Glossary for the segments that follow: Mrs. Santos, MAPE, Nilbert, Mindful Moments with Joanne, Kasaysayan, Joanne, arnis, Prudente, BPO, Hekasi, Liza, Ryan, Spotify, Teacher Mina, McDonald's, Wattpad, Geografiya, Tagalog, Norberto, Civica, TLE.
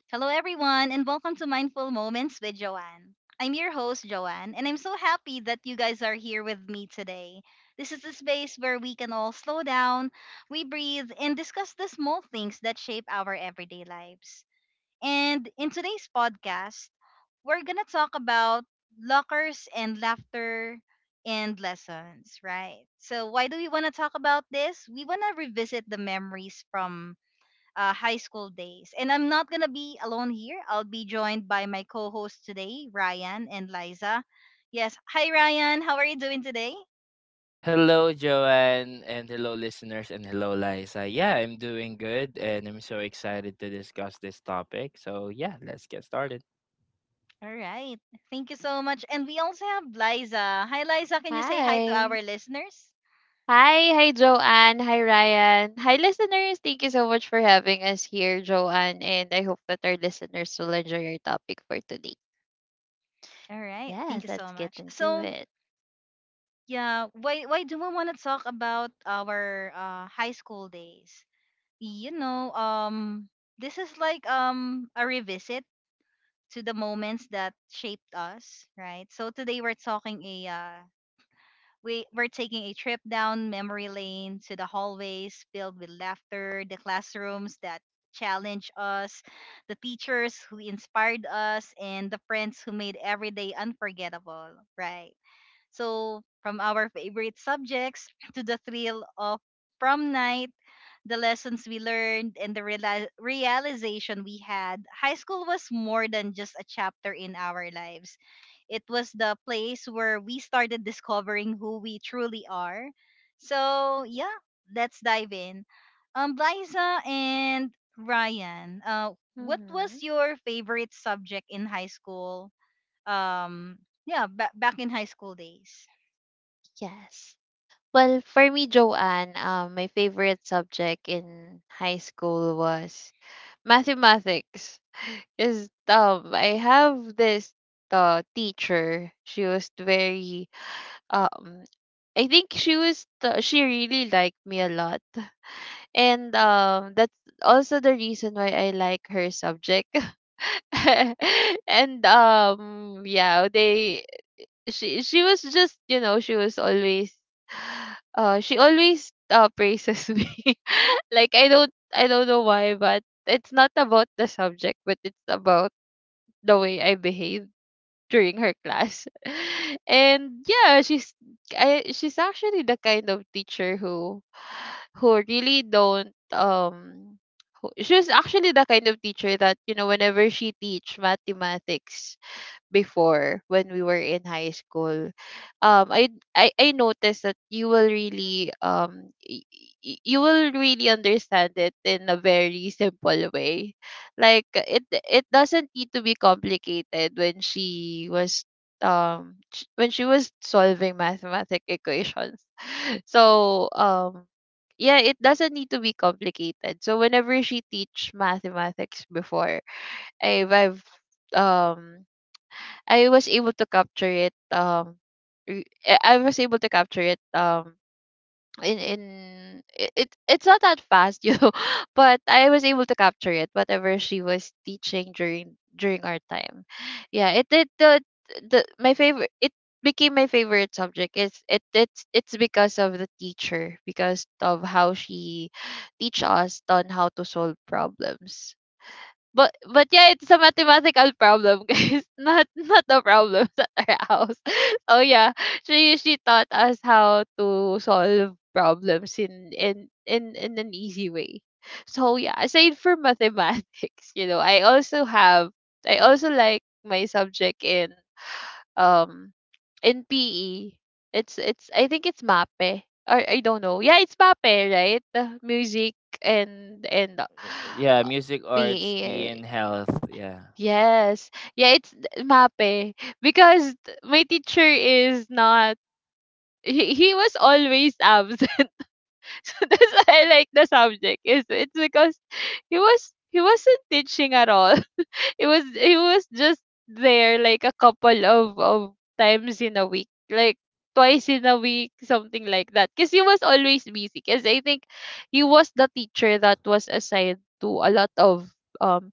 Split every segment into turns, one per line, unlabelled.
Hello, everyone, and welcome to Mindful Moments with Joanne. I'm your host, Joanne, and I'm so happy that you guys are here with me today. This is a space where we can all slow down, we breathe, and discuss the small things that shape our everyday lives. And in today's podcast, we're going to talk about lockers and laughter and lessons, right? So, why do we want to talk about this? We want to revisit the memories from high school days. And I'm not gonna be alone here. I'll be joined by my co-host today, Ryan and Liza. Yes, hi Ryan. How are you doing today?
Hello, Joanne, and hello, listeners, and hello, Liza. Yeah, I'm doing good, and I'm so excited to discuss this topic. So, yeah, let's get started.
All right. Thank you so much. And we also have Liza. Hi Liza. Can you say hi to
Hi.
our listeners?
Hi, hi Joanne, hi Ryan. Hi listeners. Thank you so much for having us here, Joanne, and I hope that our listeners will enjoy our topic for today.
All right. Thank you
Yes,
so
let's get
much.
into
So
it.
yeah, why do we want to talk about our high school days? You know, um, this is like a revisit to the moments that shaped us, right? So today we're taking a trip down memory lane to the hallways filled with laughter, the classrooms that challenged us, the teachers who inspired us, and the friends who made every day unforgettable, right? So from our favorite subjects to the thrill of prom night, the lessons we learned and the realization we had, high school was more than just a chapter in our lives. It was the place where we started discovering who we truly are. So, yeah, let's dive in. Liza and Ryan, what was
hmm
your favorite subject in high school? Um, yeah, back in high school days.
Yes. Well, for me, Joanne, my favorite subject in high school was mathematics. Is I have this teacher. She was very um, I think she really liked me a lot. And that's also the reason why I like her subject. And yeah, they she was just, you know, she was always she always praises me. Like I don't know why, but it's not about the subject, but it's about the way I behave during her class. And yeah, she's she's actually the kind of teacher who really don't who- she's actually the kind of teacher that, you know, whenever she teach mathematics before when we were in high school, um i I noticed that you will really you will really understand it in a very simple way, like it doesn't need to be complicated when she was when she was solving mathematic equations. So yeah, it doesn't need to be complicated. So whenever she teach mathematics before, i've i've um I was able to capture it. I was able to capture it. In it's not that fast, you know, but I was able to capture it. Whatever she was teaching during our time, yeah. It did the My favorite. It became my favorite subject. It's it It's because of the teacher, because of how she teach us on how to solve problems. But yeah, it's a mathematical problem, guys. Not a problem at our house. Oh yeah, she taught us how to solve problems in an easy way. So yeah, aside from mathematics, you know, I also like my subject um in PE. It's I think it's MAPE or I don't know. Yeah, it's MAPE, right? Music and
Yeah, music, arts, be
PE.
in health. Yeah.
Yes. Yeah, MAPE. Because my teacher is not— he was always absent. That's why I like the subject. Is it's because he wasn't teaching at all. It was He was just there like a couple of times in a week. Like twice in a week, something like that. Because he was always busy. Because I think he was the teacher that was assigned to a lot of um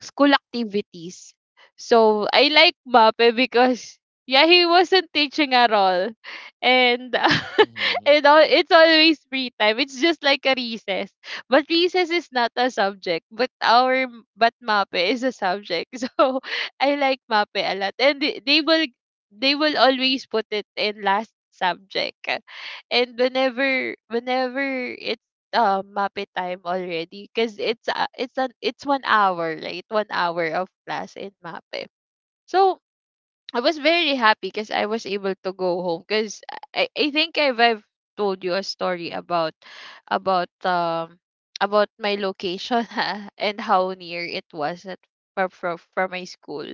school activities. So I like Mape because yeah, he wasn't teaching at all. And
Mm-hmm.
and all, it's always free time. It's just like a recess. But recess is not a subject, but our but Mape is a subject. So I like Mape a lot. And they will always put it in last subject. And whenever Muppet time already, because it's an it's one hour, right? One hour of class in Mappe. So I was very happy because I was able to go home, because I've told you a story about about um about my location and how near it was at from my school.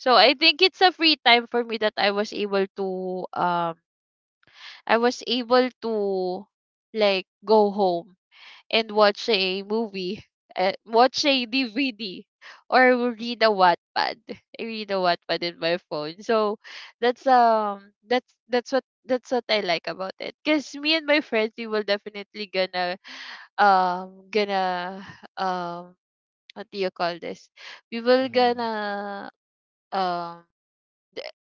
So I think it's a free time for me that I was able to like go home and watch a movie, watch a DVD, or read a Wattpad. I read a Wattpad in my phone. So that's that's what I like about it. Cause me and my friends, we will definitely gonna um gonna um what do you call this? We will
Mm-hmm.
gonna um the-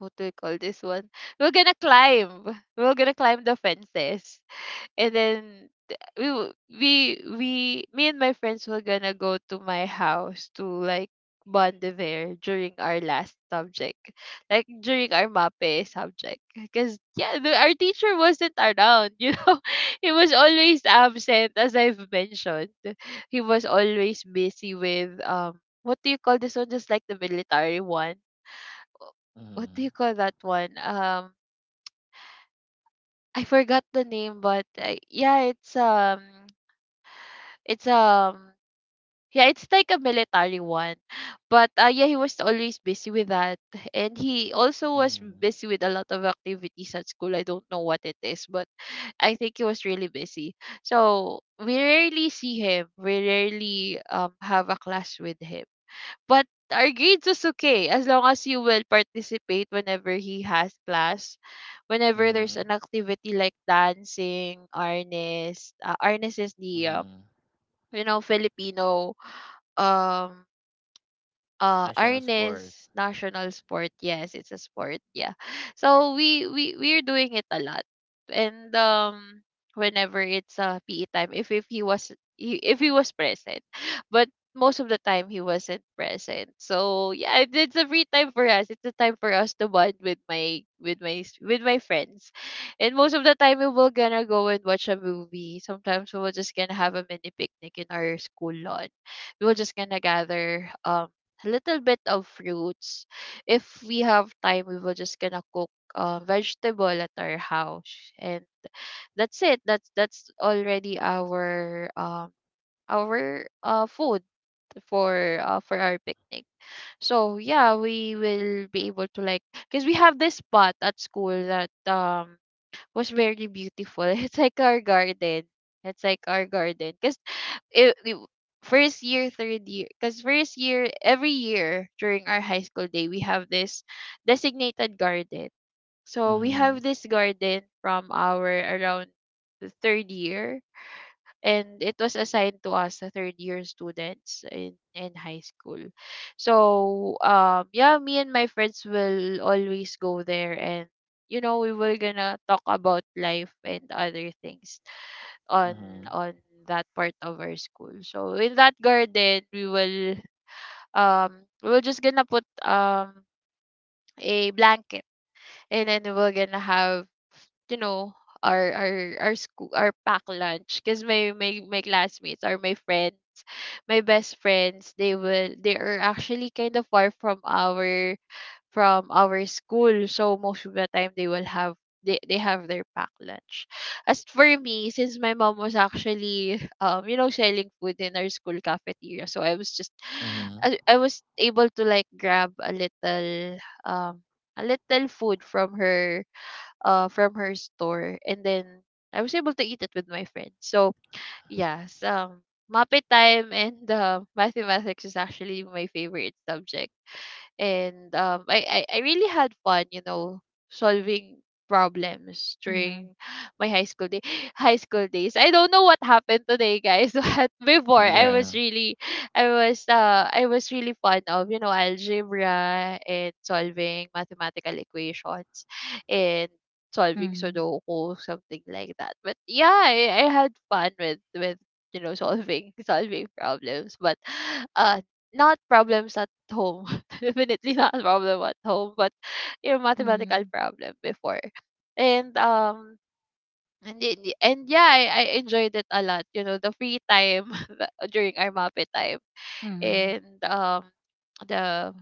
what do you call this one? We're gonna climb. We're gonna climb the fences, and then th- we w- we we me and my friends were gonna go to my house to like bond there during our last subject, like during our mape subject, because yeah, our teacher wasn't around, you know. He was always absent, as I've mentioned. He was always busy with what do you call this one, just like the military one. Wh-
Mm-hmm.
what do you call that one? I forgot the name, but It's um yeah, it's like a military one. But yeah, he was always busy with that. And he also was
Mm-hmm.
busy with a lot of activities at school. I don't know what it is, but I think he was really busy. So we rarely see him. We rarely have a class with him. But our grades is okay, as long as you will participate whenever he has class. Whenever
Mm-hmm.
there's an activity like dancing, arnis— arnis is the
Mm-hmm.
you know, Filipino um
National sport.
Arnis national sport. Yes, it's a sport. Yeah. So we we're doing it a lot. And whenever it's PE time, if if he was present. But most of the time he wasn't present. So yeah, it's a free time for us. It's a time for us to bond with my friends. And most of the time we will gonna go and watch a movie. Sometimes we will just gonna have a mini picnic in our school lawn. We were just gonna gather a little bit of fruits. If we have time, we will just gonna cook vegetable at our house, and that's it. That's already our food for our picnic. So yeah, we will be able to like, because we have this spot at school that was very beautiful. It's like our garden. It's like our garden. Because it, first year, third year, because first year, every year during our high school day, we have this designated garden. So we
Mm-hmm.
have this garden from our around the third year, and it was assigned to us, the third year students in high school. So yeah, me and my friends will always go there, and you know, we were gonna talk about life and other things on
Mm-hmm.
on that part of our school. So in that garden we will just gonna put a blanket, and then we're gonna have, you know, our our our pack lunch. Because my classmates or my friends, my best friends, they are actually kind of far from our school, so most of the time they will have— they have their pack lunch. As for me, since my mom was actually, um, you know, selling food in our school cafeteria, so
Mm-hmm.
I was able to like grab um a little food from her, from her store, and then I was able to eat it with my friends. So yes, Muppet Time and mathematics is actually my favorite subject. And I really had fun, you know, solving problems
Mm-hmm.
during my high school day. High school days, I don't know what happened today guys, but before I
Right.
was
Yeah.
really— I was really fond of, you know, algebra and solving mathematical equations, and solving
Mm-hmm.
sudoku, something like that. But yeah, I had fun with you know, solving solving problems. But uh not problems at home. Definitely not a problem at home, but your mathematical problem before. And yeah, I enjoyed it a lot. You know, the free time that— during our MAPE time.
Mm-hmm.
And the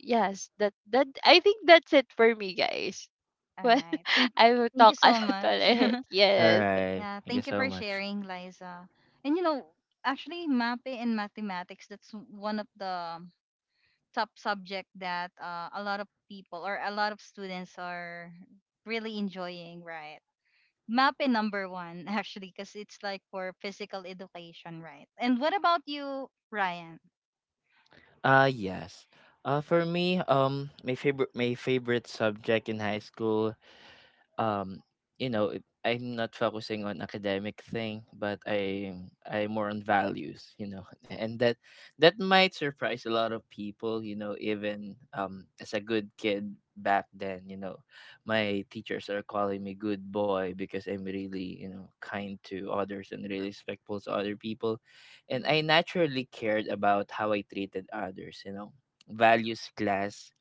yes, that I think that's it for me guys.
All
Well,
right. Thank
I will
thank you
talk a
so
lot
much.
already.
All
Yes.
right.
yeah,
Thank you
thank you
so
for
much.
sharing, Liza. And you know, actually MAPE and mathematics, that's one of the top subject that a lot of people or a lot of students are really enjoying, right? MAPE number one, actually, because it's like for physical education, right? And what about you, Ryan?
Yes. For me, my favorite subject in high school um you know I'm not focusing on academic thing, but I'm more on values, and that that might surprise a lot of people, you know. Even as a good kid back then, you know, my teachers are calling me good boy because I'm really, you know, kind to others and really respectful to other people. And I
Mhm.
naturally cared about how I treated others, you know. Values class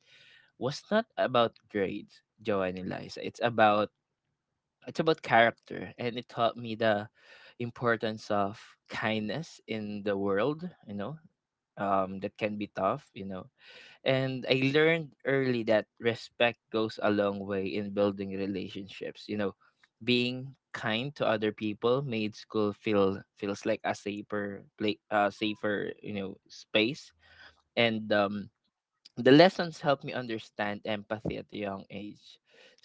was not about grades, Joanne and Liza. It's about it's about character, and it taught me the importance of kindness in the world, you know. That can be tough, you know. And I learned early that respect goes a long way in building relationships, you know. Being kind to other people made school feel feels like a safer you know space. And the lessons helped me understand empathy at a young age.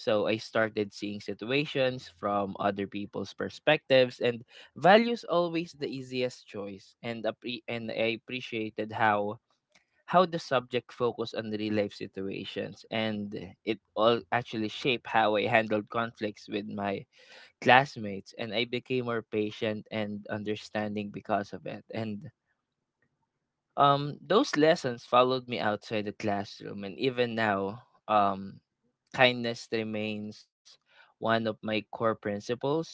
So I started seeing situations from other people's perspectives, and values always the easiest choice and appre- and I appreciated how the subject focused on real life situations, and it all actually shaped how I handled conflicts with my classmates, and I became more patient and understanding because of it. And those lessons followed me outside the classroom, and even now, kindness remains one of my core principles.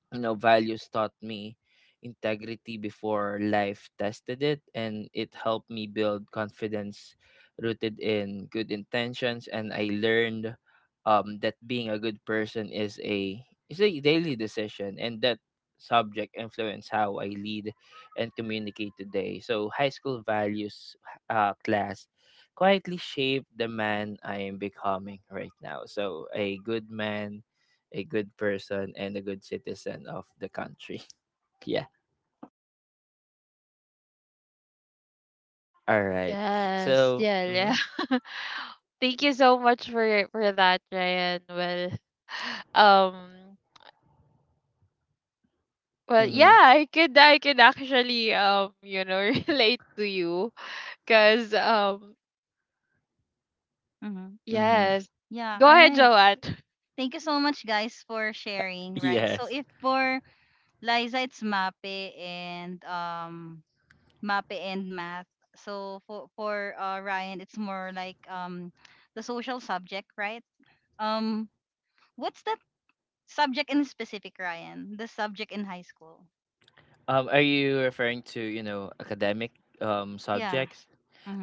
You know, values taught me integrity before life tested it, and it helped me build confidence rooted in good intentions. And I learned that being a good person is a daily decision, and that subject influence how I lead and communicate today. So high school values class quietly shaped the man I am becoming right now. So a good man, a good person, and a good citizen of the country. Yeah. All right.
Yes,
So,
yeah,
mm-hmm,
yeah. Thank you so much for that, Ryan. Well, um, well, yeah,
mm-hmm,
I could actually, you know, relate to you cuz
Mm-hmm.
mm-hmm.
yes.
Yeah,
Go
all
ahead,
right.
Joanne.
Thank you so much, guys, for sharing, right? So
Yes.
if for Liza, it's MAPE and math. So for Ryan, it's more like the social subject, right? Um, what's that subject in specific, Ryan? The subject in high school.
Are you referring to, you know, academic
Yeah.
subjects?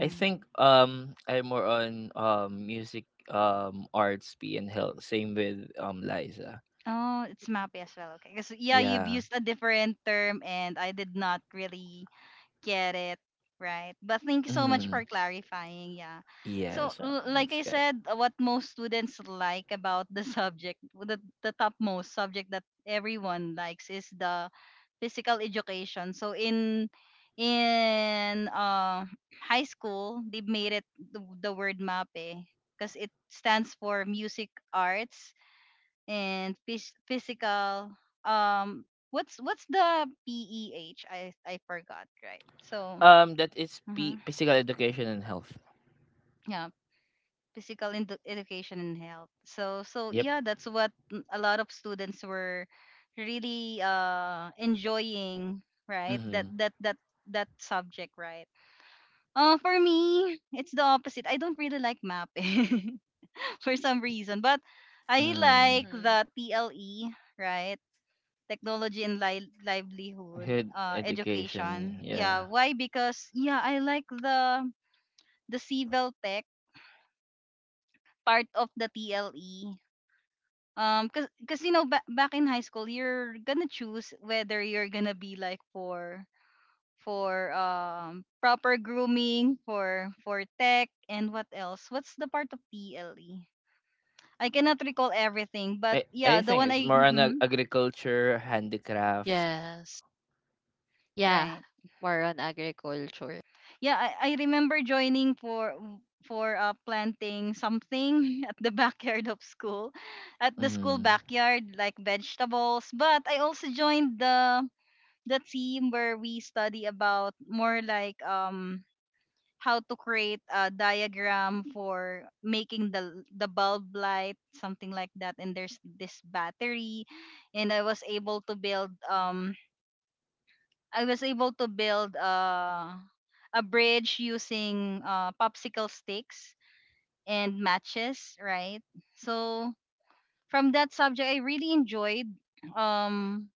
I think I'm more on music, arts, P and health. Same with Liza.
Oh, it's MAPE as well. Okay, because yeah, you've
Yeah.
used a different term, and I did not really get it. Right. But thank you so much
Mm-hmm.
for clarifying. Yeah.
Yeah.
So,
So
like
that's
I
okay.
said, what most students like about the subject, the topmost subject that everyone likes is the physical education. So, in high school, they made it the word MAPE because it stands for music, arts, and physical, um what's the PEH? I forgot, right? So,
That is
mhm,
physical education and health.
yeah, physical education and health. So, so
Yep.
yeah, that's what, mm, a lot of students were really enjoying, right? that
Mm-hmm.
that that that subject, right? For me it's the opposite. I don't really like mapping for some reason, but I
Mm.
like
Mm-hmm.
the TLE, right? Technology and livelihood
Good education.
education. Yeah,
Yeah.
why? Because yeah, I like the civil tech part of the TLE. Because, cause, you know, back in high school, you're gonna choose whether you're gonna be like for proper grooming, for tech, and what else? What's the part of TLE? I cannot recall everything, but
I
yeah,
I
the
think
one
it's
I,
more on
mhm,
agriculture, handicraft.
Yes. Yeah.
right.
More on agriculture.
Yeah, I remember joining for planting something at the backyard of school, at the school
Mm.
backyard, like vegetables. But I also joined the team where we study about more like how to create a diagram for making the bulb light, something like that. And there's this battery, and I was able to build a bridge using popsicle sticks and matches, right? So from that subject, I really enjoyed. Um,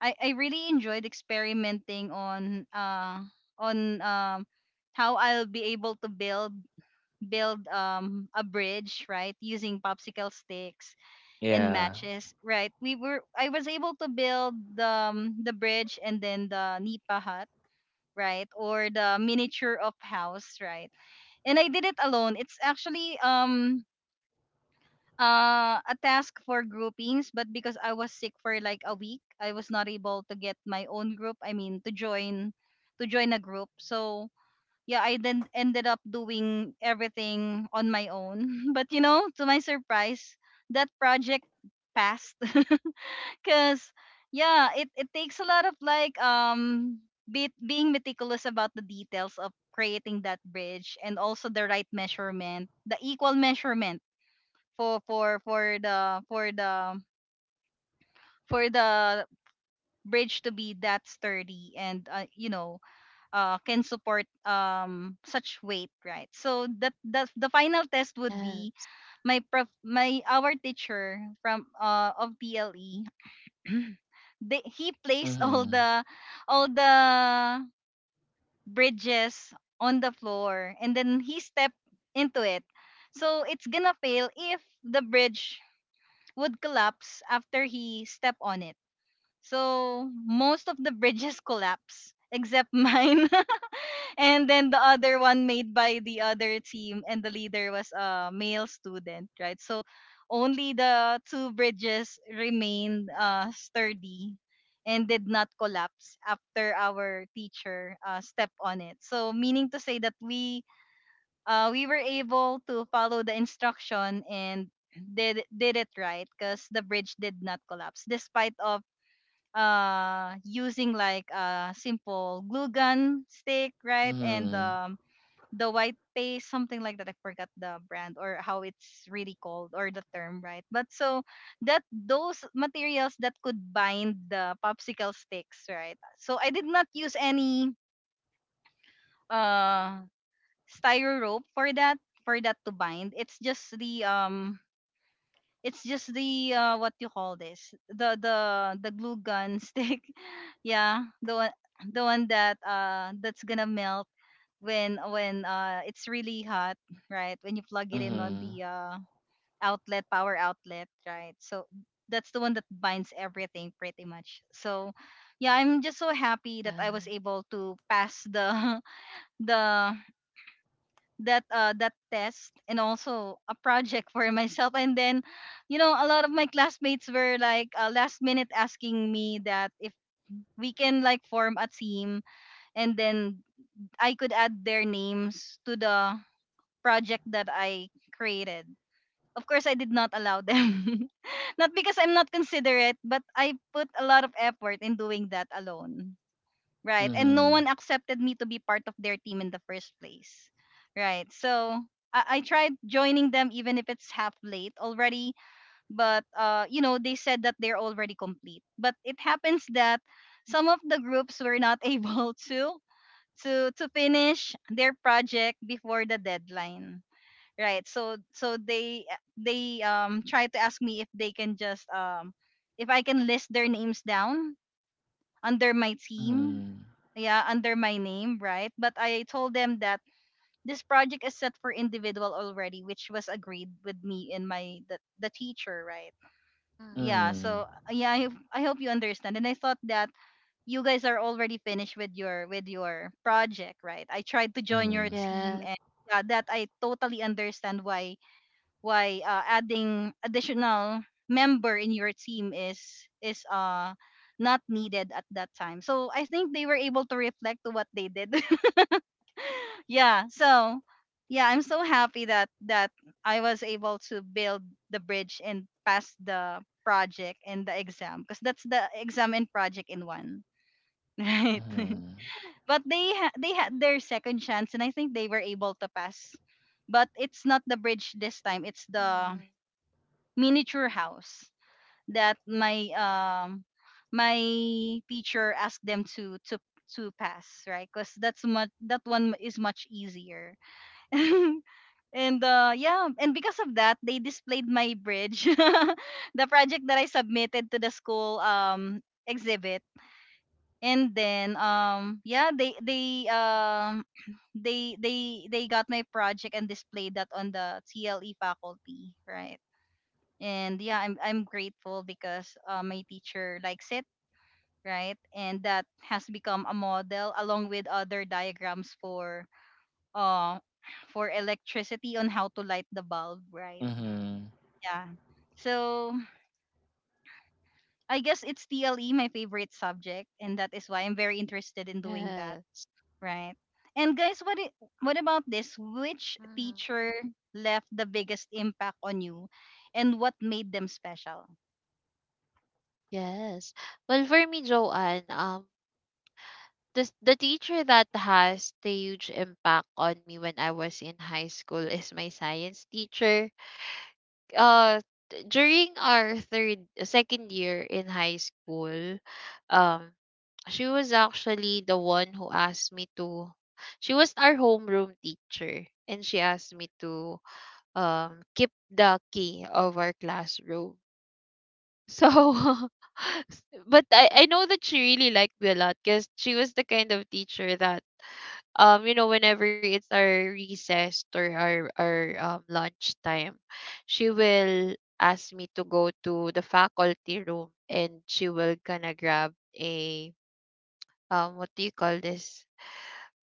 I really enjoyed experimenting on on um, how I'll be able to build a bridge, right? Using popsicle sticks and
Yeah.
matches, right? We were I was able to build the bridge and then the nipa hut, right? Or the miniature of house, right? And I did it alone. It's actually a task for groupings, but because I was sick for like a week, I was not able to get my own group. I mean, to join a group. So yeah, I then ended up doing everything on my own. but you know, to my surprise, that project passed. Cause yeah, it takes a lot of like be, being meticulous about the details of creating that bridge and also the right measurement, the equal measurement for for for the for the for the bridge to be that sturdy and, you know, can support such weight, right? So that that the final test would be
Yes.
my prof my our teacher from, of PLE, he placed all
Mhm.
the all the bridges on the floor and then he stepped into it. So it's gonna fail if the bridge would collapse after he stepped on it. So most of the bridges collapse except mine. and then the other one made by the other team, and the leader was a male student, right? So only the two bridges remained sturdy and did not collapse after our teacher stepped on it. So meaning to say that we were able to follow the instruction and did it right because the bridge did not collapse despite of using like a simple glue gun stick, right? And
Mhm.
the white paste, something like that. I forgot the brand or how it's really called or the term, right? But so that those materials that could bind the popsicle sticks, right? So I did not use any uh styro rope for that, to bind. It's just the it's just the, what you call this? The the glue gun stick. Yeah, the one that, that's gonna melt when it's really hot, right? When you plug it in on
Mhm.
the outlet, power outlet, right? So that's the one that binds everything pretty much. So yeah, I'm just so happy that
Yeah.
I was able to pass the, the that that test, and also a project for myself. And then you know, a lot of my classmates were like, last minute asking me that if we can like form a team, and then I could add their names to the project that I created. Of course, I did not allow them. not because I'm not considerate, but I put a lot of effort in doing that alone. Right. And no
Mhm.
one accepted me to be part of their team in the first place. Right. So I tried joining them even if it's half late already. But, you know, they said that they're already complete. But it happens that some of the groups were not able to to finish their project before the deadline, right? So so they, try to ask me if they can just, if I can list their names down under my team.
Mhm.
Yeah, under my name, right? But I told them that this project is set for individual already, which was agreed with me and my, the teacher, right?
Mhm.
Yeah, so yeah, I hope you understand, and I thought that you guys are already finished with your, project, right? I tried to join your
Mhm.
team,
Yes.
and yeah, that I totally understand why adding additional member in your team is not needed at that time. So I think they were able to reflect to what they did. yeah. So yeah, I'm so happy that I was able to build the bridge and pass the project and the exam, because that's the exam and project in one. Right. but they had their second chance, and I think they were able to pass. But it's not the bridge this time. It's the
Mhm.
miniature house that my teacher asked them to pass, right? Because that one is much easier. And yeah, and because of that, they displayed my bridge, the project that I submitted to the school exhibit. And then yeah, they they got my project and displayed that on the TLE faculty, right? And yeah, I'm grateful because my teacher likes it, right? And that has become a model along with other diagrams uh for electricity on how to light the bulb, right?
Mhm.
Yeah, so I guess it's TLE, my favorite subject, and that is why I'm very interested in doing that,
Yes.
right? And guys, what about this, which
Mhm.
teacher left the biggest impact on you and what made them special?
Yes. Well, for me, Joanne, the teacher that has the huge impact on me when I was in high school is my science teacher. uh During our third second year in high school, um she was actually the one who asked me to, she was our homeroom teacher and she asked me to keep the key of our classroom. So but I know that she really liked me a lot because she was the kind of teacher that, you know, whenever it's our recess or our lunch time, she will ask me to go to the faculty room and she will gonna grab a, what do you call this,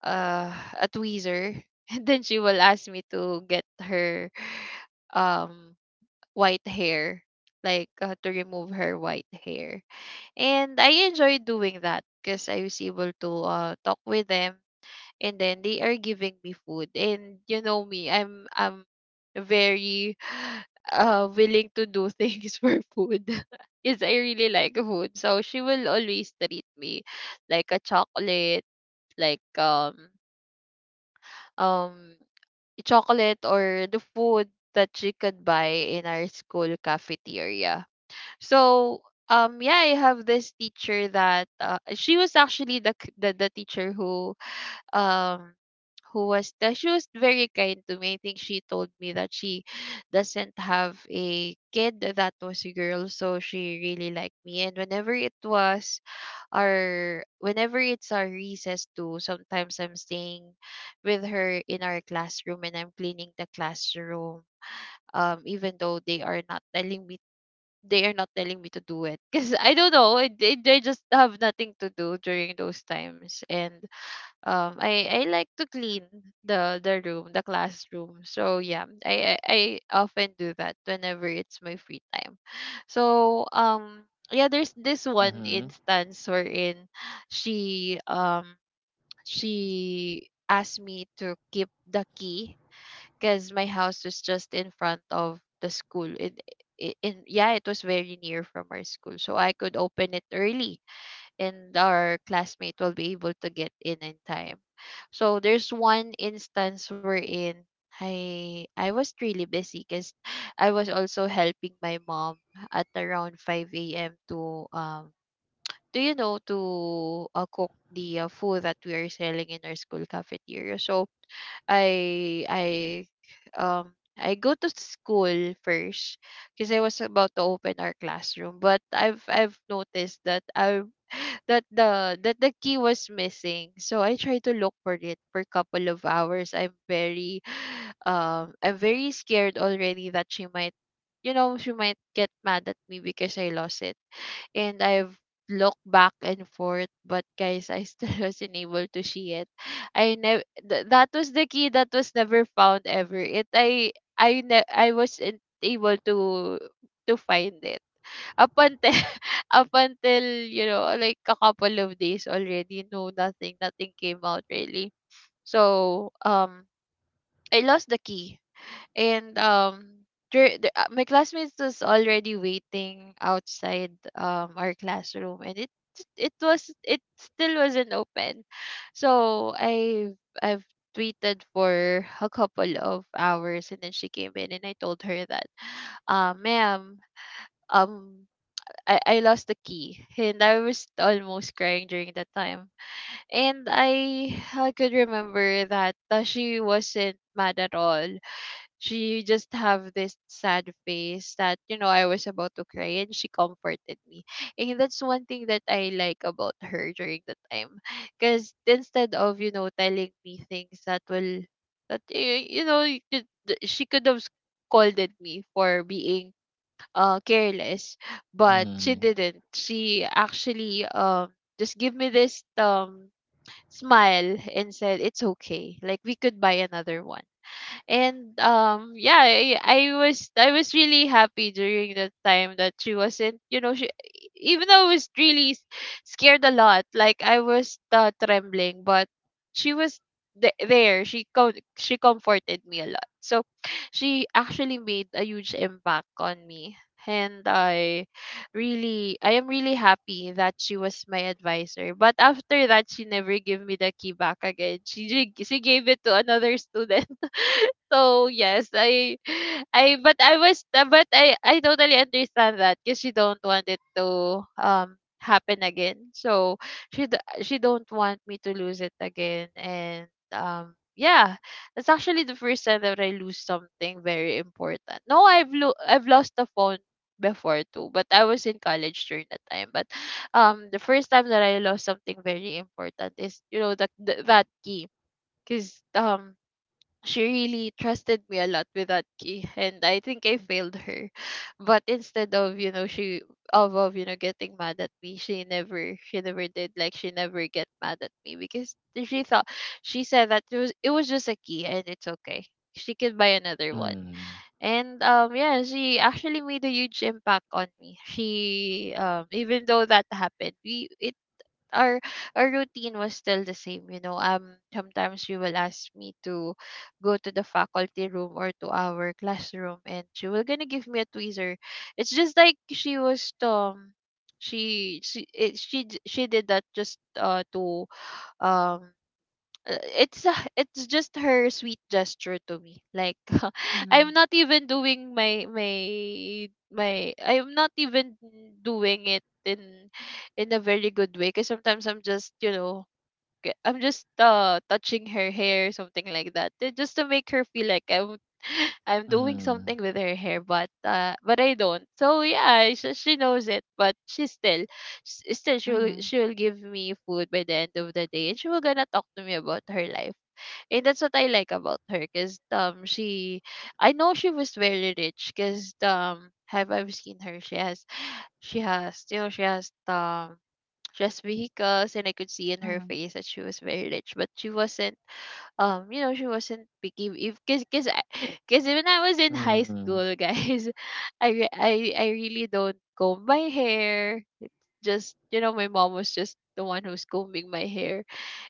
uh a tweezer, and then she will ask me to get her, um white hair, like to remove her white hair. And I enjoy doing that because I was able to talk with them, and then they are giving me food. And you know me, I'm very willing to do things for food because I really like food. So she will always treat me, like a chocolate, like um, chocolate or the food that she could buy in our school cafeteria. So, yeah, I have this teacher that she was actually the, the teacher um who was that, she was very kind to me. I think she told me that she doesn't have a kid that was a girl, so she really liked me. And whenever it was our whenever it's our recess too, sometimes I'm staying with her in our classroom and I'm cleaning the classroom. Even though they are not telling me, they are not telling me to do it, because I don't know. They just have nothing to do during those times. And I like to clean the room, the classroom. So yeah, I often do that whenever it's my free time. So yeah, there's this one
Mhm.
instance wherein she um she asked me to keep the key because my house was just in front of the school. It, in Yeah, it was very near from our school, so I could open it early and our classmate will be able to get in time. So there's one instance wherein I was really busy because I was also helping my mom at around 5 a.m. to do you know to cook the food that we are selling in our school cafeteria. So I um I go to school first because I was about to open our classroom, but I've noticed that I, that the key was missing. So I tried to look for it for a couple of hours. I'm very I'm very scared already that she might, you know, she might get mad at me because I lost it. And I've looked back and forth, but guys, I still wasn't able to see it. I never, that was the key that was never found ever. It I I wasn't able to find it up until, up until, you know, like a couple of days already. No, nothing, came out really. So I lost the key. And my classmates was already waiting outside our classroom, and it was, it still wasn't open. So I have I've tweeted for a couple of hours, and then she came in and I told her that, ma'am, um I lost the key. And I was almost crying during that time. And I could remember that, she wasn't mad at all. She just have this sad face that, you know, I was about to cry, and she comforted me. And that's one thing that I like about her during the time, because instead of, you know, telling me things that will, you know, she could have scolded me for being careless. But she didn't, she actually just give me this, smile and said it's okay, like we could buy another one. And yeah, I was, I was really happy during the time that she wasn't, you know, she, even though I was really, scared a lot, like I was trembling, but she was, there, she she comforted me a lot. So she actually made a huge impact on me. And I really, I am really happy that she was my advisor. But after that, she never gave me the key back again. She she gave it to another student. So yes, I but I was, but I totally understand that because she don't want it to happen again. So she she don't want me to lose it again. And yeah, that's actually the first time that I lose something very important. No, I've lost the phone before too, but I was in college during that time. But the first time that I lost something very important is, you know, that key, because she really trusted me a lot with that key, and I think I failed her. But instead of, you know, she, of you know, getting mad at me, she never did, like she never get mad at me because she thought, she said that it was just a key and it's okay, she could buy another one.
Mhm.
And yeah, she actually made a huge impact on me. She even though that happened, we, our our routine was still the same, you know. Um, sometimes she will ask me to go to the faculty room or to our classroom, and she will gonna give me a tweezer. It's just like she was, she she did that just to, um it's just her sweet gesture to me, like.
Mm-hmm.
I'm not even doing my, I'm not even doing it in a very good way, because sometimes I'm just, you know, I'm just touching her hair, something like that, just to make her feel like I'm I'm doing
Mhm.
something with her hair, but I don't. So yeah, she knows it, but she still, still
Mm-hmm.
she'll give me food by the end of the day, and she will gonna talk to me about her life. And that's what I like about her, cause she, I know she was very rich, cause have I've seen her, she has, you know, she has just vehicles, and I could see in her
Mm-hmm.
face that she was very rich. But she wasn't you know, she wasn't picky if, cause when I was in high
Mhm.
school, guys, I really don't comb my hair. It's just, you know, my mom was just the one who's combing my hair.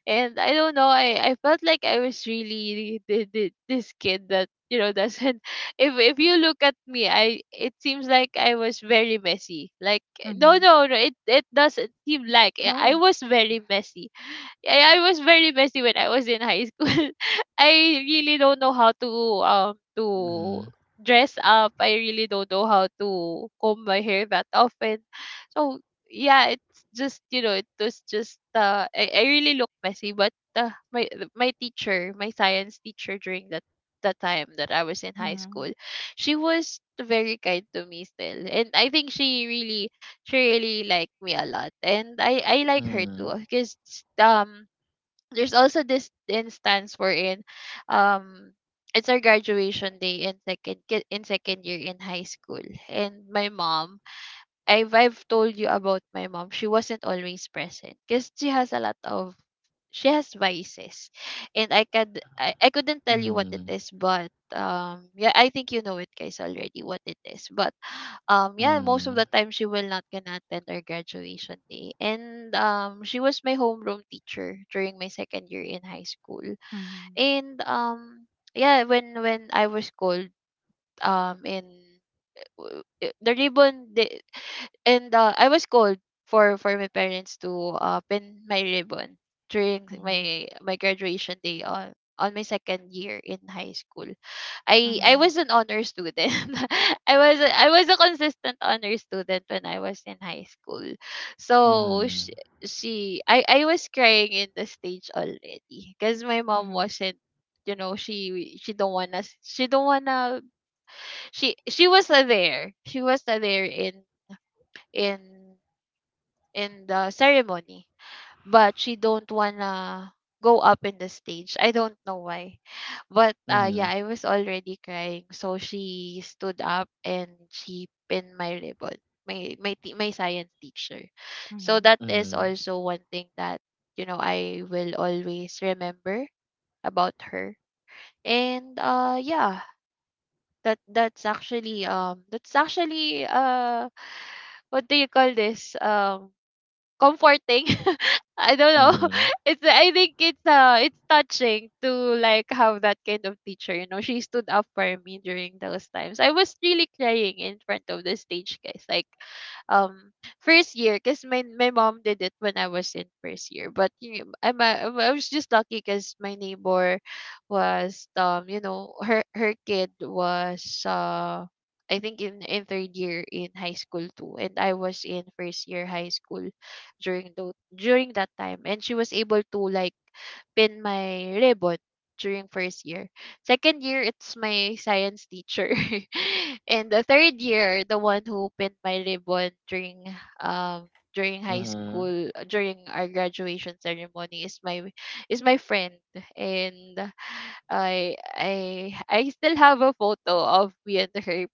And I don't know. I felt like I was really the, this kid that, you know, doesn't. If you look at me, I it seems like I was very messy. Like no
Mhm.
no no, it doesn't seem like I
No.
was very messy. I was very messy when I was in high school. I really don't know how to dress up. I really don't know how to comb my hair that often. So yeah, it's just, you know, it was just I really look messy. But my, my teacher, my science teacher during that time that I was in high
Mhm.
school, she was very kind to me still. And I think she really, liked me a lot, and I like her too, because um there's also this instance wherein, um it's our graduation day in in second year in high school. And my mom, I've told you about my mom. She wasn't always present because she has a lot of, she has vices. And I couldn't tell
Mhm.
you what it
Mhm.
is, but yeah, I think you know it, guys, already, what it is. But yeah, most of the time she will not gonna attend our graduation day. And she was my homeroom teacher during my second year in high school.
Mhm.
And yeah, when I was called in w- I- the ribbon the and I was called for my parents to pin my ribbon during
Mhm.
my my graduation day on my second year in high school. I
Mhm.
was an honor student. I was a consistent honor student when I was in high school. So she, I was crying in the stage already because my mom
Mhm.
wasn't, you know, she, she don't wanna, she was, there she was, there in, in in the ceremony. But she don't wanna go up in the stage, I don't know why. But
Mhm. Mhm. Mhm. Mhm. Mhm. Mhm. Mhm.
yeah, I was already crying, so she stood up and she pinned my ribbon, my, my science teacher. So
Mhm.
that is
Mhm.
also one thing that, you know, I will always remember about her. And yeah, that's actually what do you call this, comforting. I don't know.
Mhm.
It's, I think it's touching to like have that kind of teacher, you know. She stood up for me during those times. I was really crying in front of the stage, guys. Like um first year, because my mom did it when I was in first year. But you know, I was just lucky because my neighbor was you know, her kid was I think in third year in high school too, and I was in first year high school during that time, and she was able to like pin my ribbon during first year. Second year it's my science teacher. And the third year, the one who pinned my ribbon during um during high school, during our graduation ceremony, is my friend. And I still have a photo of me and her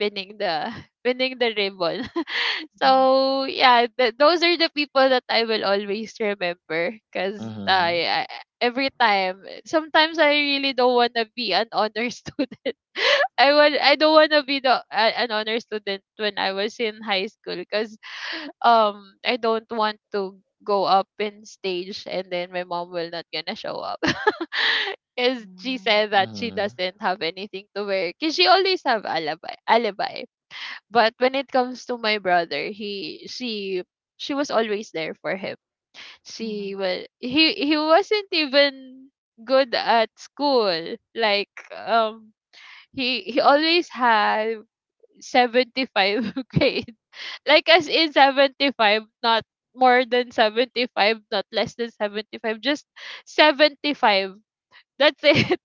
pinning the pinning the ribbon.
Mhm.
So yeah, those are the people that I will always remember because I every time, sometimes I really don't want to be an honor student. I don't want to be the an honor student when I was in high school because I don't want to go up in stage and then my mom will not gonna show up. 'Cause she
Mhm.
said that she doesn't have anything to wear. Cause she always have alibi. But when it comes to my brother, he she was always there for him. She
Mhm.
was He wasn't even good at school. Like he always had 75 grade. Like as in 75, not more than 75, not less than 75, just 75. That's it.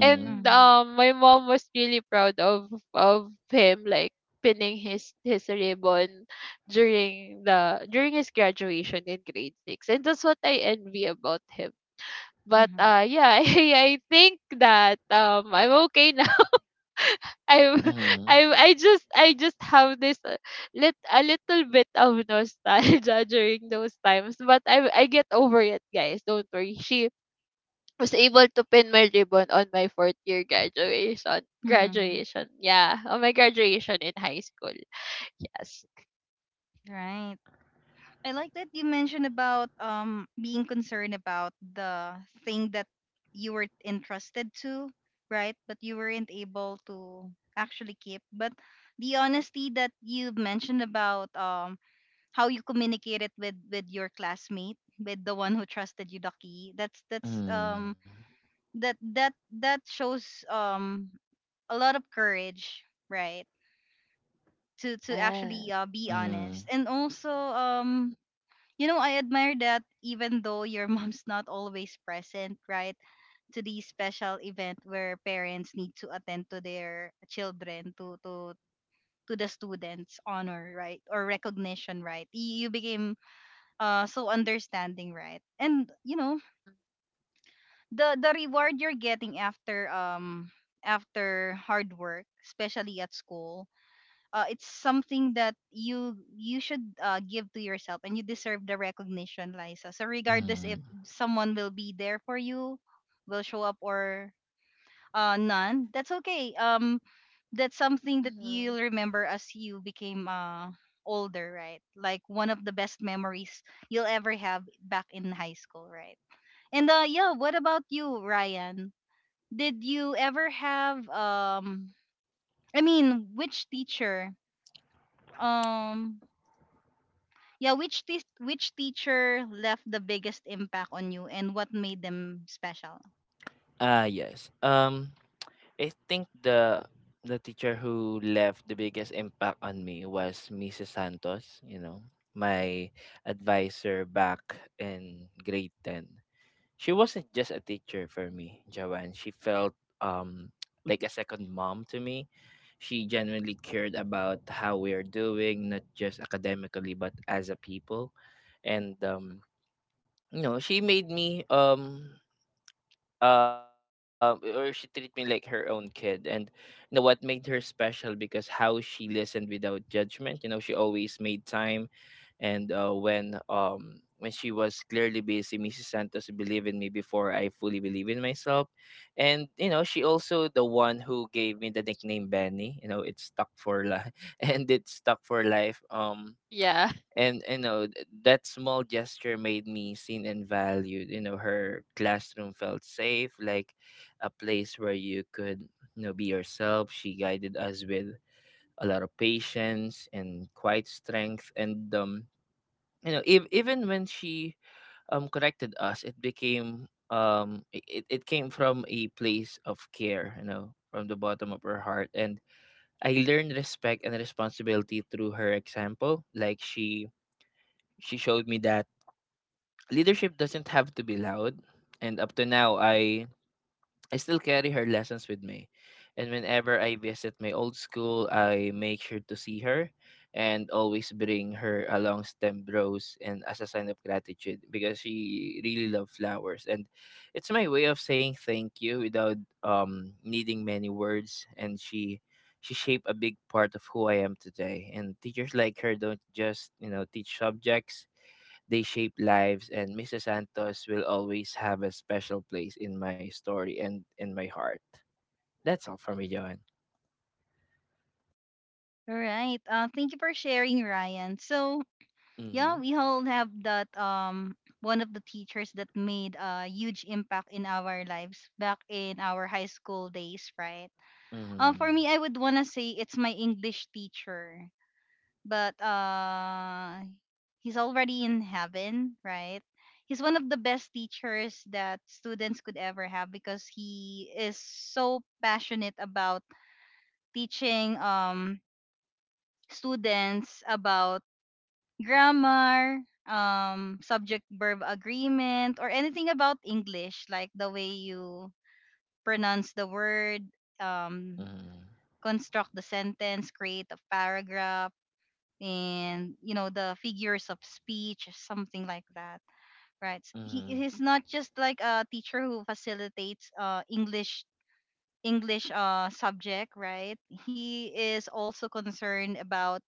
And
Mhm.
my mom was really proud of him, like pinning his ribbon during his graduation in grade 6, and that's what I envy about him. But
Mhm.
yeah, I think that I'm okay now. i'm
Mhm. Mhm. Mhm. Mhm.
I just have this lit a little bit of nostalgia during those times, but I get over it, guys. Don't worry, she was able to pin my ribbon on my fourth year graduation.
Mhm.
Yeah, on my graduation in high school. Yes,
Right. I like that you mentioned about being concerned about the thing that you were entrusted to, right? But you weren't able to actually keep. But the honesty that you mentioned about how you communicated with your classmate, with the one who trusted you the key, that's that's
Mhm.
um that that that shows um a lot of courage, right? To
yeah.
actually be
Mm,
honest, and also you know I admire that even though your mom's not always present, right? To the special event where parents need to attend to their children to the students honor, right? Or recognition, right? You became so understanding, right? And you know the reward you're getting after after hard work, especially at school, it's something that you should give to yourself, and you deserve the recognition, Liza. So regardless if
mm.
someone will be there for you, will show up, or none, that's okay. That's something that
Mm-hmm.
you'll remember as you became older, right? Like one of the best memories you'll ever have back in high school, right? And yeah, what about you, Ryan? Did you ever have I mean, which teacher um yeah, which teacher left the biggest impact on you and what made them special?
Yes. I think the teacher who left the biggest impact on me was Mrs. Santos, you know, my advisor back in grade 10. She wasn't just a teacher for me, Joanne. She felt um like a second mom to me. She genuinely cared about how we are doing, not just academically, but as a people. And you know, she made me or she treat me like her own kid. And you know what made her special? Because how she listened without judgment, you know. She always made time, and when she was clearly busy, Mrs. Santos believed in me before I fully believe in myself. And you know she also the one who gave me the nickname Benny, you know. It stuck for life and it stuck for life.
Yeah.
And you know that small gesture made me seen and valued, you know. Her classroom felt safe, like a place where you could, you know, be yourself. She guided us with a lot of patience and quiet strength, and you know, if even when she corrected us, it became it, it came from a place of care, you know, from the bottom of her heart. And I learned respect and responsibility through her example. Like she showed me that leadership doesn't have to be loud. And up to now, I still carry her lessons with me, and whenever I visit my old school, I make sure to see her and always bring her a long stemmed rose and as a sign of gratitude because she really loves flowers. And it's my way of saying thank you without needing many words. And she shaped a big part of who I am today, and teachers like her don't just, you know, teach subjects, they shape lives. And Mrs. Santos will always have a special place in my story and in my heart. That's all for me, Johan.
All right. Thank you for sharing, Ryan. So yeah,
Mm-hmm.
we all have that one of the teachers that made a huge impact in our lives back in our high school days, right?
Mm-hmm.
For me, I would want to say it's my English teacher, but he's already in heaven, right? He's one of the best teachers that students could ever have because he is so passionate about teaching students about grammar, subject verb agreement, or anything about English, like the way you pronounce the word, um construct the sentence, create a paragraph, and you know, the figures of speech, something like that, right? He
Mm-hmm.
he's not just like a teacher who facilitates English subject, right? He is also concerned about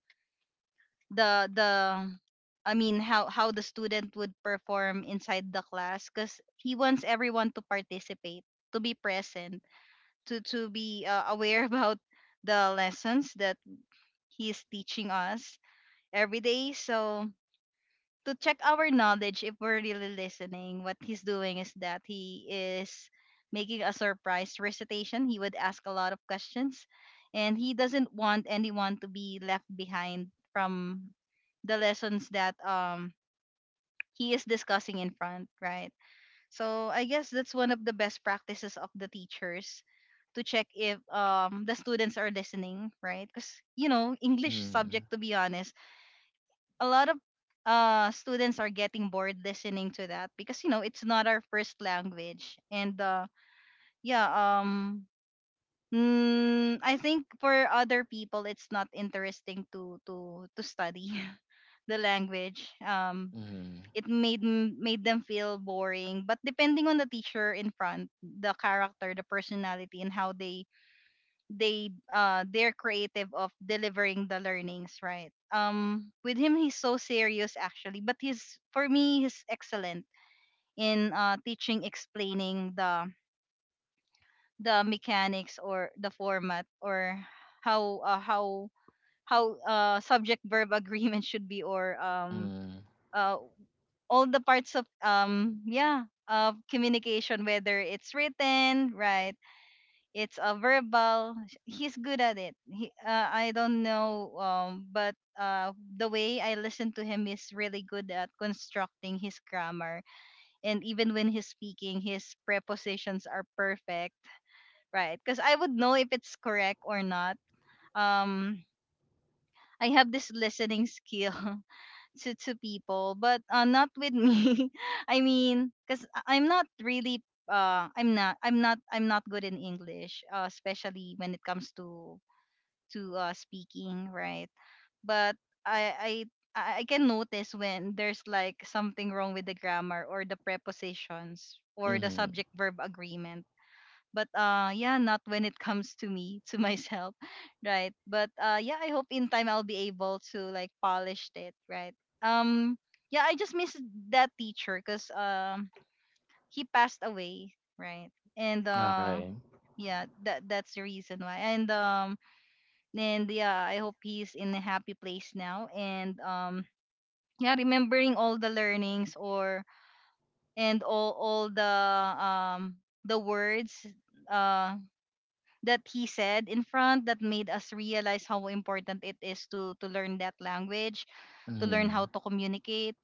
the I mean, how the student would perform inside the class because he wants everyone to participate, to be present, to be aware about the lessons that he is teaching us every day. So to check our knowledge if we're really listening, what he's doing is that he is making a surprise recitation. He would ask a lot of questions, and he doesn't want anyone to be left behind from the lessons that he is discussing in front, right? So I guess that's one of the best practices of the teachers, to check if the students are listening, right? Because you know, English
Mm-hmm.
subject, to be honest, a lot of students are getting bored listening to that because you know, it's not our first language. And yeah, I think for other people it's not interesting to study the language.
Mm-hmm.
It made made them feel boring, but depending on the teacher in front, the character, the personality, and how they're creative of delivering the learnings, right? With him, he's so serious actually, but he's, for me, he's excellent in teaching, explaining the mechanics or the format or how uh, how how subject verb agreement should be, or
Mm-hmm. Mm-hmm.
uh all the parts of yeah, of communication, whether it's written, right? It's a verbal, he's good at it. He I don't know, but the way I listen to him, is really good at constructing his grammar, and even when he's speaking, his prepositions are perfect, right? Because I would know if it's correct or not. um I have this listening skill to people, but not with me. I mean, because I'm not really I'm not I'm not I'm not good in English, especially when it comes to speaking, right? But I I I can notice when there's like something wrong with the grammar or the prepositions or the
Mm-hmm.
subject verb agreement. But yeah, not when it comes to me, to myself, right? But yeah, I hope in time I'll be able to like polish it, right? Um yeah, I just miss that teacher because he passed away, right? And
Okay.
yeah, that that's the reason why. And yeah, I hope he's in a happy place now. And yeah, remembering all the learnings, or and all um the words uh that he said in front that made us realize how important it is to learn that language, to learn
Mm-hmm.
how to communicate,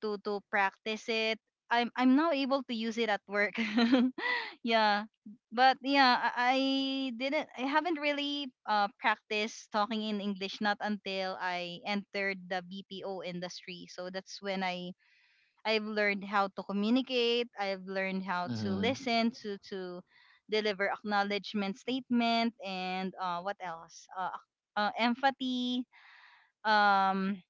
to practice it. I'm now able to use it at work. Yeah. But yeah, I didn't, I haven't really practiced talking in English not until I entered the BPO industry. So that's when I've learned how to communicate, I've learned how to
Mm-hmm.
listen to deliver acknowledgement statement, and what else? Empathy. um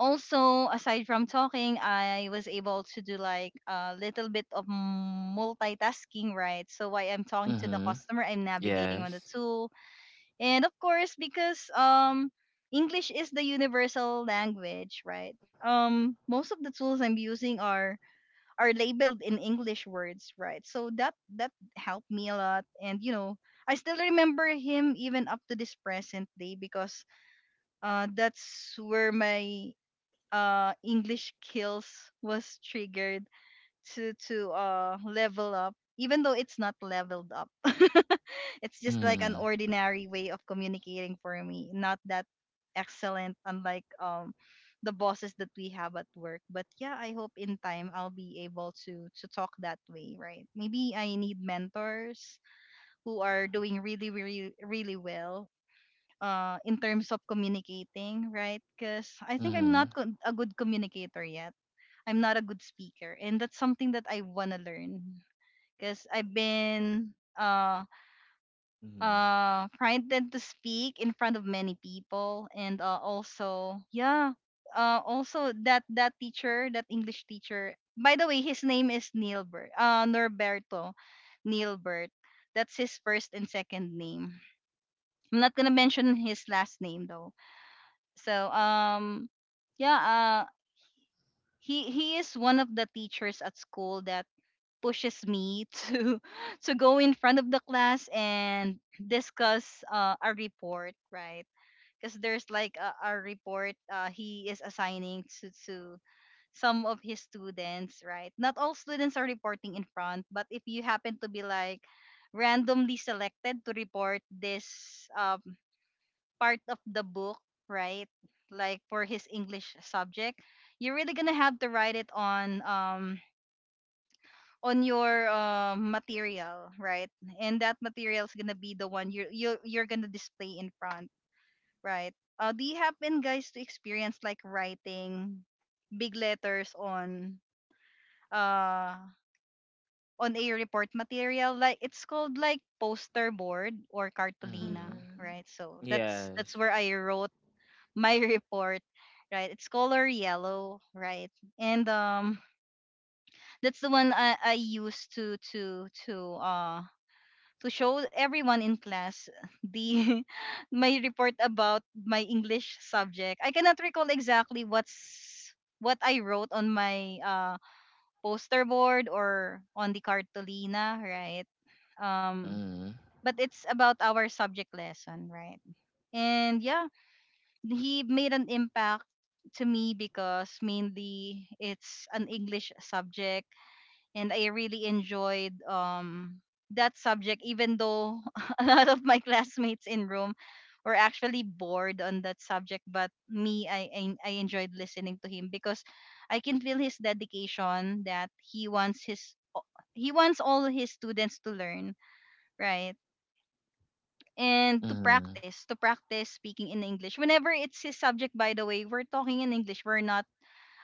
Also, aside from talking, I was able to do like a little bit of multitasking, right? So while I'm talking to the
Mm-hmm.
customer, I'm navigating on the
Yes.
tool. And of course, because English is the universal language, right? Most of the tools I'm using are labeled in English words, right? So that that helped me a lot. And you know, I still remember him even up to this present day because that's where my English Kills was triggered to level up, even though it's not leveled up. It's just like
Mm-hmm.
an ordinary way of communicating for me, not that excellent, unlike the bosses that we have at work. But yeah, I hope in time I'll be able to talk that way, right? Maybe I need mentors who are doing really really really well in terms of communicating, right? Because I think I'm
Mm-hmm.
not a good communicator yet. I'm not a good speaker, and that's something that I wanna learn. Because I've been
Mm-hmm.
frightened to speak in front of many people. And also yeah, also that that teacher, that English teacher. By the way, his name is Nilbert. Norberto, Nilbert. That's his first and second name. I'm not gonna mention his last name though. So yeah, he is one of the teachers at school that pushes me to go in front of the class and discuss a report, right? Because there's like a report he is assigning to some of his students, right? Not all students are reporting in front, but if you happen to be like randomly selected to report this um, part of the book, right? Like for his English subject, you're really gonna have to write it on your material, right? And that material is gonna be the one you're gonna display in front, right? Do you happen, guys, to experience like writing big letters uh on a report material, like it's called like poster board or cartolina,
Mm-hmm.
Mm-hmm.
right? So that's
Yes.
where I wrote my report, right? It's color yellow, right? And that's the one I use to show everyone in class the my report about my English subject. I cannot recall exactly what's what I wrote on my poster board or on the cartolina, right? Um,
Mm-hmm.
but it's about our subject lesson, right? And yeah, he made an impact to me because mainly it's an English subject and I really enjoyed that subject, even though a lot of my classmates in room were actually bored on that subject. But me, I enjoyed listening to him because I can feel his dedication that he wants o- he wants all his students to learn, right? And to
Mm-hmm.
practice speaking in English whenever it's his subject. By the way, we're talking in English, we're not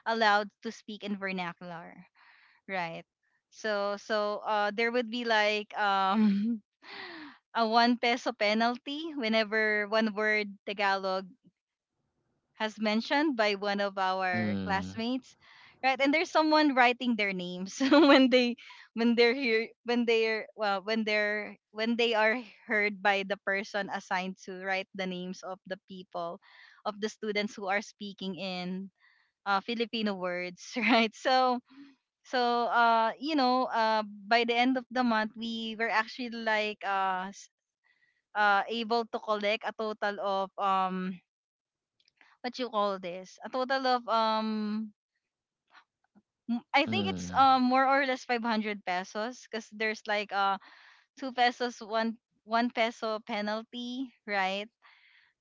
allowed to speak in vernacular, right? So there would be like a one peso penalty whenever one word Tagalog has mentioned by one of our classmates, right? And there's someone writing their names when they when they're here when they're well when they're when they are heard by the person assigned to write the names of the people, of the students who are speaking in Filipino words right? So by the end of the month, we were actually like able to collect a total of what you call this a total of m- I
Mm-hmm.
think it's
Mm-hmm.
more or less 500 pesos, because there's like 2 pesos, 1 1 peso penalty, right?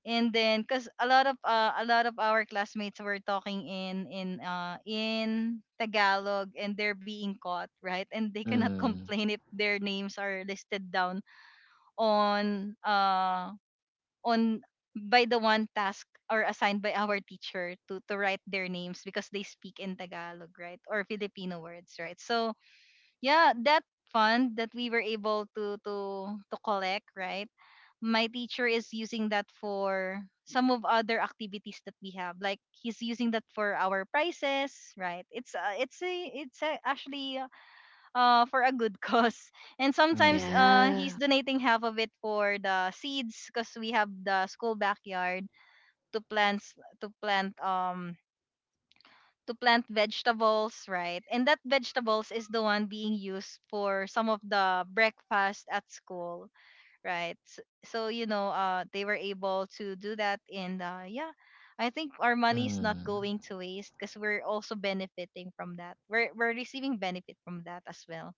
And then 'cuz a lot of our classmates were talking in Tagalog and they're being caught, right? And they cannot
Mm-hmm.
complain if their names are listed down on uh on by the one task or assigned by our teacher to write their names, because they speak in Tagalog, right? Or Filipino words, right? So yeah, that fund that we were able to collect, right? My teacher is using that for some of other activities that we have. Like he's using that for our prizes, right? It's actually for a good cause. And sometimes he's
Yeah.
donating half of it for the seeds, because we have the school backyard to plant, to plant um to plant vegetables, right? And that vegetables is the one being used for some of the breakfast at school, right? S- So, you know, they were able to do that, and yeah. I think our money is not
Mm-hmm.
going to waste because we're also benefiting from that. We're receiving benefit from that as well.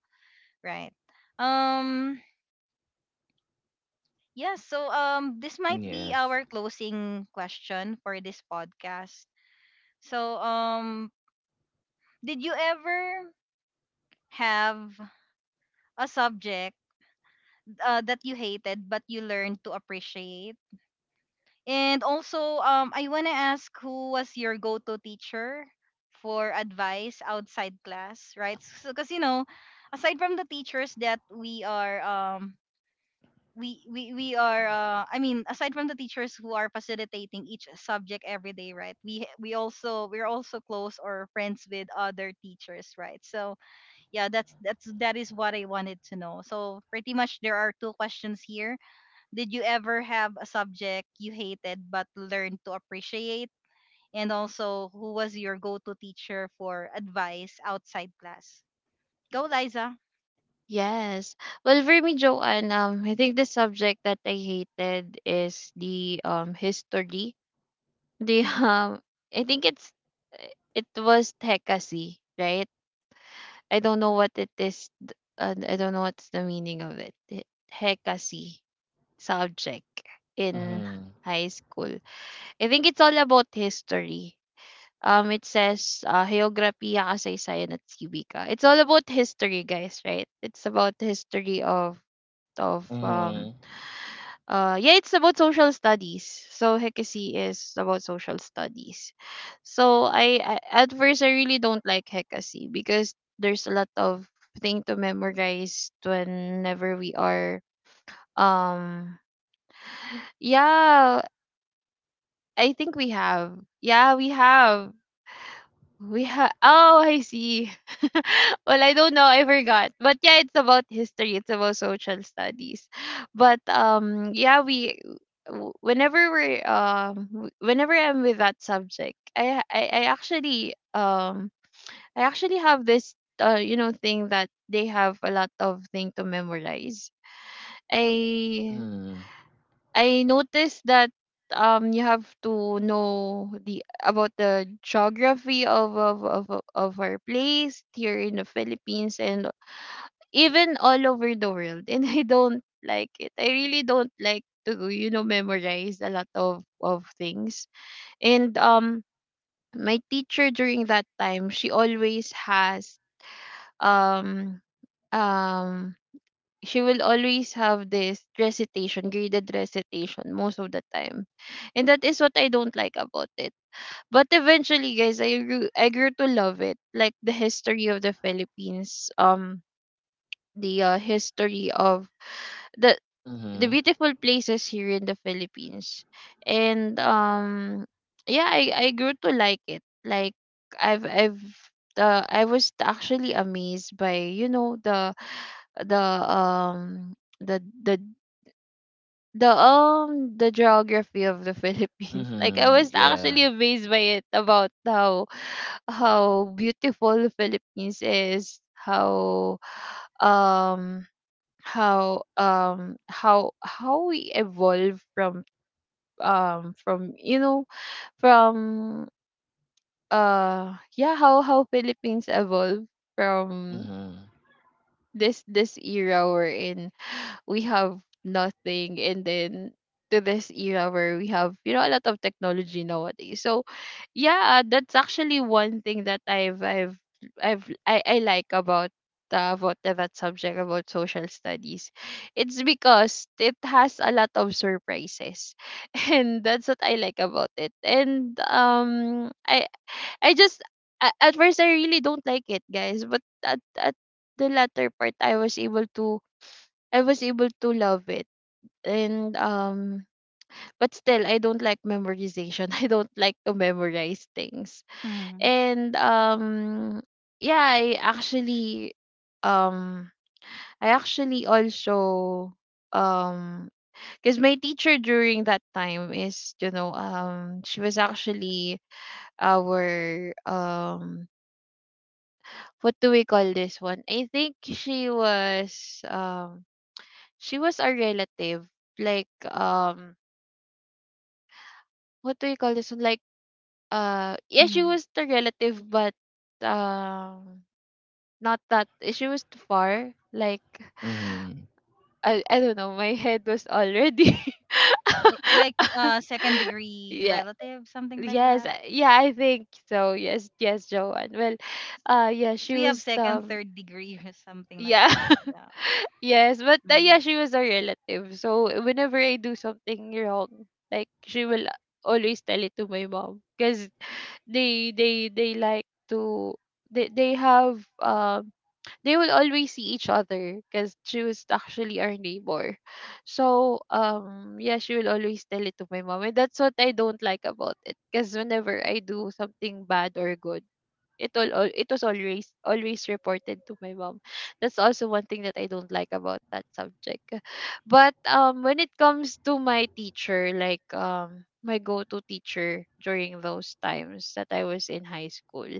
Right. Um yeah, so this might be
Yes.
our closing question for this podcast. So did you ever have a subject that you hated but you learned to appreciate? And also, I want to ask, who was your go-to teacher for advice outside class, right? So 'cuz you know, aside from the teachers that we are I mean, aside from the teachers who are facilitating each subject every day, right? We also, we're also close or friends with other teachers, right? So yeah, that is what I wanted to know. So pretty much there are two questions here: did you ever have a subject you hated but learned to appreciate, and also, who was your go-to teacher for advice outside class? Go, Liza.
Yes. Well, for me, Joanne, I think the subject that I hated is the history. The I think it's it was hekasi, right? I don't know what it is. I don't know what's the meaning of it. He- Hekasi. Subject in
Mhm.
high school. I think it's all about history. It says Geografiya, Kasaysayan, at Civica. It's all about history, guys, right? It's about history of
Mhm.
of um yeah, it's about social studies. So Hekasi is about social studies. So I at first I really don't like Hekasi because there's a lot of thing to memorize whenever we are um yeah, I think we have. Yeah, we have. We have. Oh, I see. Well, I don't know. I forgot. But yeah, it's about history. It's about social studies. But yeah, whenever we're whenever I'm with that subject, I actually have this you know thing that they have a lot of thing to memorize. I
Mhm.
I noticed that you have to know the about the geography of our place here in the Philippines, and even all over the world. And I don't like it. I really don't like to you know memorize a lot of things. And my teacher during that time, um um she will always have this recitation, graded recitation most of the time. And that is what I don't like about it. But eventually, guys, I grew to love it. Like the history of the Philippines, the history of the the
Mhm.
beautiful places here in the Philippines. And yeah, I grew to like it. Like I've I've I was actually amazed by you know the um the the the geography of the Philippines. Like I
Mhm.
was actually
Yeah.
amazed by it about how beautiful the Philippines is, um how how we evolve from you know from yeah, how Philippines evolve from
Mhm.
this era we're in, we have nothing, and then to this era where we have you know a lot of technology nowadays. So yeah, that's actually one thing that I like about that subject, about social studies. It's because it has a lot of surprises and that's what I like about it. And I just at first I really don't like it, guys, but at the latter part I was able to love it. And but still I don't like memorization. I don't like to memorize things.
Mm-hmm.
And yeah, um I actually also um because my teacher during that time is you know she was actually our what do we call this one? I think she was a relative. Like what do you call this one? Like, yeah, she
Mm-hmm.
was the relative, but um, not that she was too far. Like,
Mhm.
I don't know. My head was already.
Li- Like second degree
Yeah.
relative, something like
Yes.
that.
Yeah. I think so. Yes. Yes, Joanne. Well, yeah,
'Cause
she
we have
was
second, third degree or something like
yeah.
that. Yeah.
Yes, but
Mm.
yeah, she was a relative. So whenever I do something wrong, like she will always tell it to my mom. Cause they like to they have they will always see each other because she was actually our neighbor. So yeah, she will always tell it to my mom. And that's what I don't like about it. Because whenever I do something bad or good, all it was always reported to my mom. That's also one thing that I don't like about that subject. But when it comes to my teacher, like my go-to teacher during those times that I was in high school.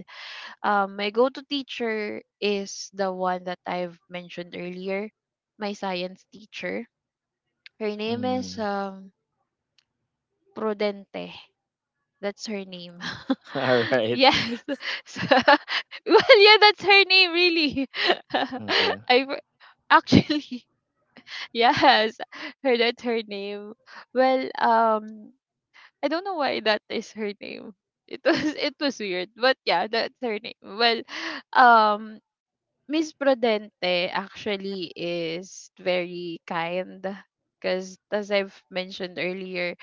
My go-to teacher is the one that I've mentioned earlier, my science teacher. Her name is
Mhm.
Prudente. That's her name.
All right.
Yes. So, well, yeah, that's her name really.
Okay.
I for- actually yes, her that's her name. Well, I don't know why that is her name. It was it was weird, but yeah, that's her name. Well, um Miss Prudente actually is very kind because, as I've mentioned earlier,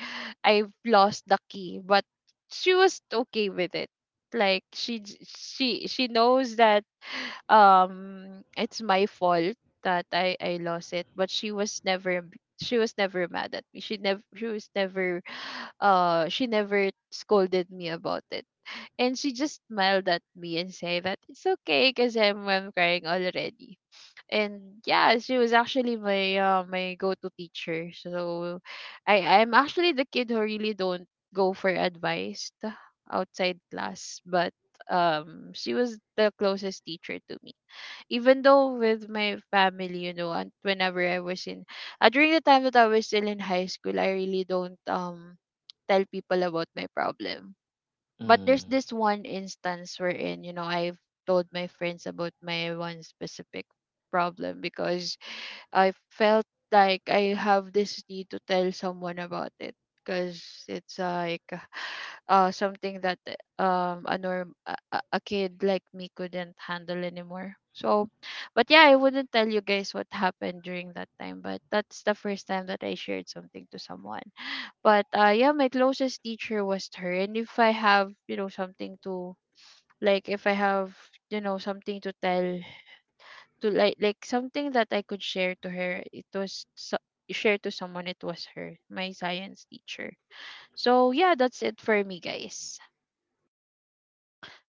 I've lost the key, but she was okay with it. Like she j- she knows that it's my fault that I lost it, but she was never mad at me. She never she was never she never scolded me about it. And she just smiled at me and say that it's okay because I'm crying already. And yeah, she was actually my my go-to teacher. So I'm actually the kid who really don't go for advice outside class, but she was the closest teacher to me. Even though with my family, you know, and whenever I was in during the time that I was still in high school, I really don't tell people about my problem, but there's
Mhm.
this one instance wherein, you know, I've told my friends about my one specific problem because I felt like I have this need to tell someone about it because it's like something that a norm a kid like me couldn't handle anymore. So, but yeah, I wouldn't tell you guys what happened during that time, but that's the first time that I shared something to someone. But yeah, my closest teacher was her. And if I have, you know, something to like, if I have, you know, something to tell, to like something that I could share to her, share to someone. It was her, my science teacher. So yeah, that's it for me, guys.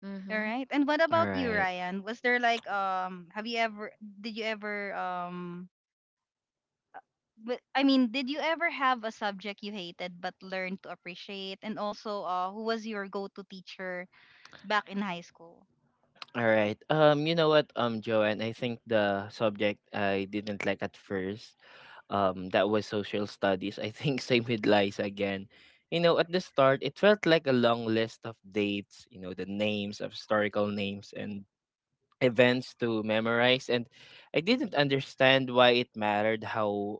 Mm-hmm.
All
Mhm.
right. And what
All
about you,
right.
Ryan? Was there like have you ever did you ever but I mean, did you ever have a subject you hated but learned to appreciate? And also, who was your go-to teacher back in high school?
All right. You know what, Joanne, I think the subject I didn't like at first, that was social studies. I think same with lies again. You know, at the start, it felt like a long list of dates, you know, the names of historical names and events to memorize. And I didn't understand why it mattered how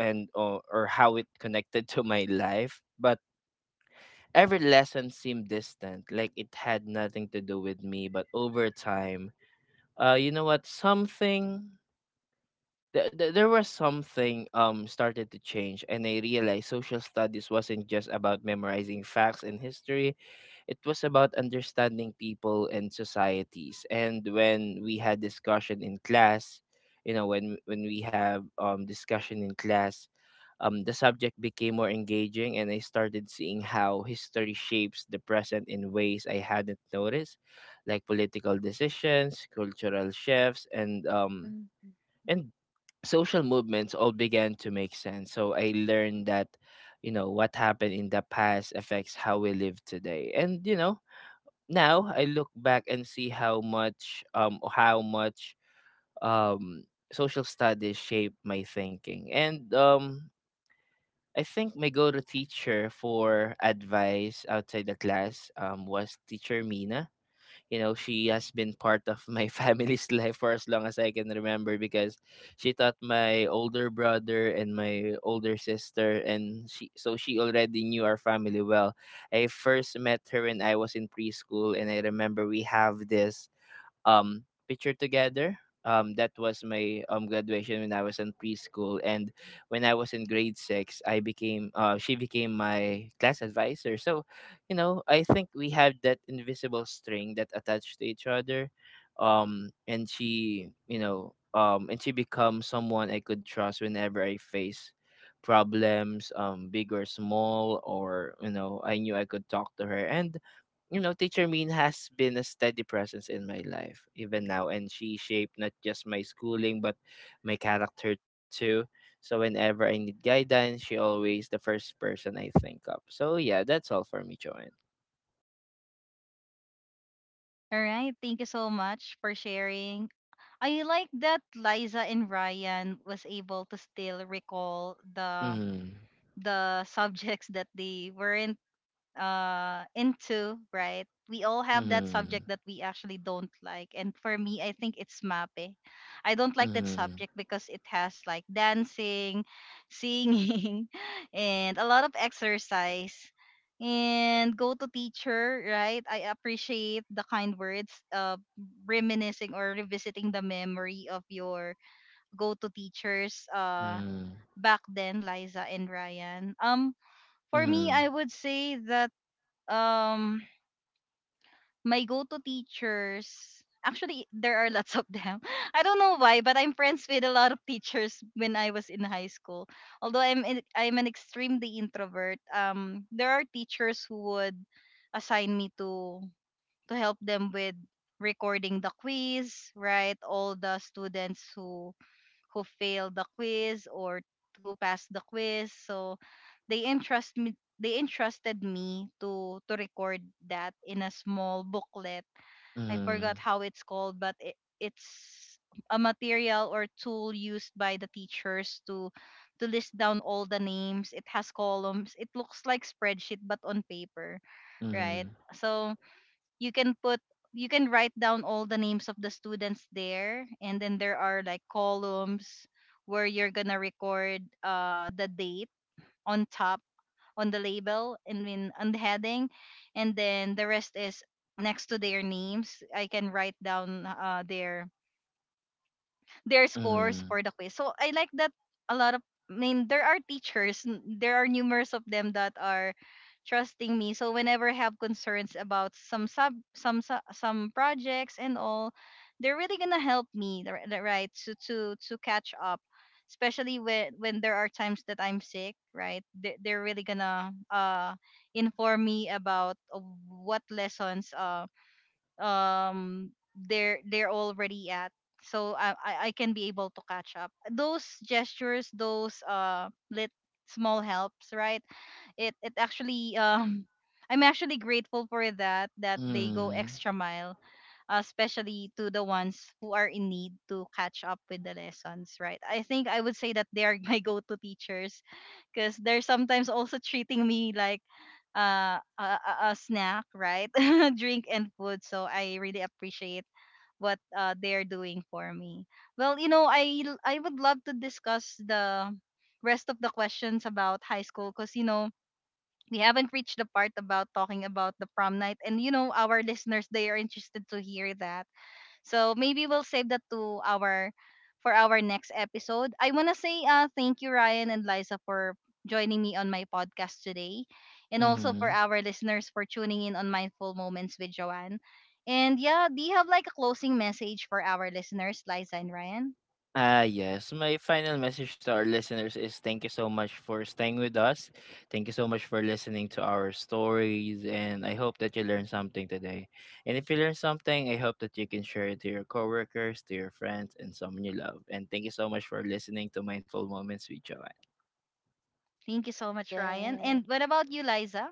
and or how it connected to my life. But every lesson seemed distant, like it had nothing to do with me. But over time, you know what, there was something started to change, and I realized social studies wasn't just about memorizing facts and history. It was about understanding people and societies. And when we had discussion in class, you know, when we have discussion in class, the subject became more engaging, and I started seeing how history shapes the present in ways I hadn't noticed, like political decisions, cultural shifts, and
Mm-hmm.
and social movements all began to make sense. So I learned that, you know, what happened in the past affects how we live today. And, you know, now I look back and see how much um social studies shaped my thinking. And I think my go-to teacher for advice outside the class was teacher Mina. You know, she has been part of my family's life for as long as I can remember because she taught my older brother and my older sister, and she already knew our family well. I first met her when I was in preschool, and I remember we have this picture together. That was my graduation when I was in preschool, and when I was in grade six, I became she became my class advisor. So, you know, I think we have that invisible string that attached to each other. And she, you know, and she becomes someone I could trust whenever I face problems, big or small. Or you know, I knew I could talk to her, and you know, Teacher Min has been a steady presence in my life even now, and she shaped not just my schooling, but my character too. So whenever I need guidance, she always the first person I think of. So yeah, that's all for me, Joanne.
All right, thank you so much for sharing. I like that Liza and Ryan was able to still recall
Mm,
the subjects that they weren't into, right? We all have that subject
mm,
that we actually don't like, and for me, I think it's MAPE. I don't like that
mm,
subject because it has like dancing, singing and a lot of exercise. And go to teacher, right? I appreciate the kind words, reminiscing or revisiting the memory of your go to teachers
mm,
back then, Liza and Ryan. For me,
mm,
I would say that um my go-to teachers, actually there are lots of them. I don't know why, but I'm friends with a lot of teachers when I was in high school. Although I'm an extremely introvert, there are teachers who would assign me to help them with recording the quiz, right? All the students who failed the quiz or who passed the quiz. So they entrusted me to record that in a small booklet. I
mm,
forgot how it's called, but it's a material or tool used by the teachers to list down all the names. It has columns. It looks like spreadsheet but on paper, right?
mm,
So you can put you can write down all the names of the students there, and then there are like columns where you're gonna record the date on top, on the label, and then on the heading, and then the rest is next to their names. I can write down their scores
mm,
for the quiz. So I like that. A lot of, I mean there are teachers, there are numerous of them that are trusting me. So whenever I have concerns about some sub some su- some projects and all, they're really gonna help me, the right, to catch up. Especially when there are times that I'm sick, right? They, they're really gonna inform me about what lessons um they're already at, so I can be able to catch up those gestures, those lit small helps, right? It actually I'm actually grateful for that, that they go
mm,
extra mile, especially to the ones who are in need to catch up with the lessons, right? I think I would say that they are my go-to teachers, because they're sometimes also treating me like a snack, right? Drink and food. So I really appreciate what they're doing for me. Well, you know, I would love to discuss the rest of the questions about high school, because you know we haven't reached the part about talking about the prom night, and you know, our listeners, they are interested to hear that. So maybe we'll save that to our for our next episode. I wanna say thank you, Ryan and Liza, for joining me on my podcast today, and also for
mm.
our listeners for tuning in on Mindful Moments with Joanne. And yeah, do you have like a closing message for our listeners, Liza and Ryan?
Yes. My final message to our listeners is thank you so much for staying with us. Thank you so much for listening to our stories. And I hope that you learned something today. And if you learned something, I hope that you can share it to your coworkers, to your friends, and someone you love. And thank you so much for listening to Mindful Moments with Joanne.
Thank you so much, Ryan.
Yeah.
And what about you, Liza?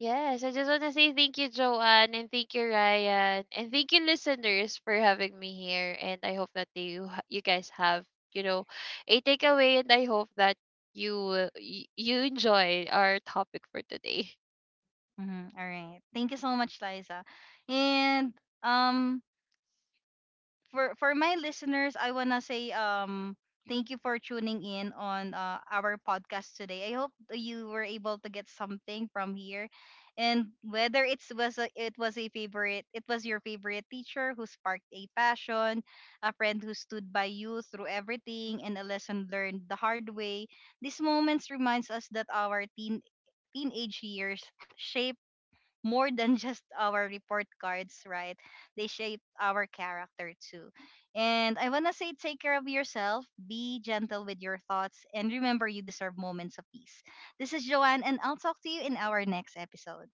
Yes, I just want to say thank you, Joanne, and thank you, Ryan, and thank you, listeners, for having me here. And I hope that you guys have you know a takeaway, and I hope that you enjoy our topic for today.
Mhm. All right. Thank you so much, Liza. And um for my listeners, I wanna say thank you for tuning in on our podcast today. I hope that you were able to get something from here, and whether it was a favorite, it was your favorite teacher who sparked a passion, a friend who stood by you through everything, and a lesson learned the hard way. These moments reminds us that our teenage years shape more than just our report cards, right? They shape our character too. And I want to say, take care of yourself, be gentle with your thoughts, and remember, you deserve moments of peace. This is Joanne, and I'll talk to you in our next episode.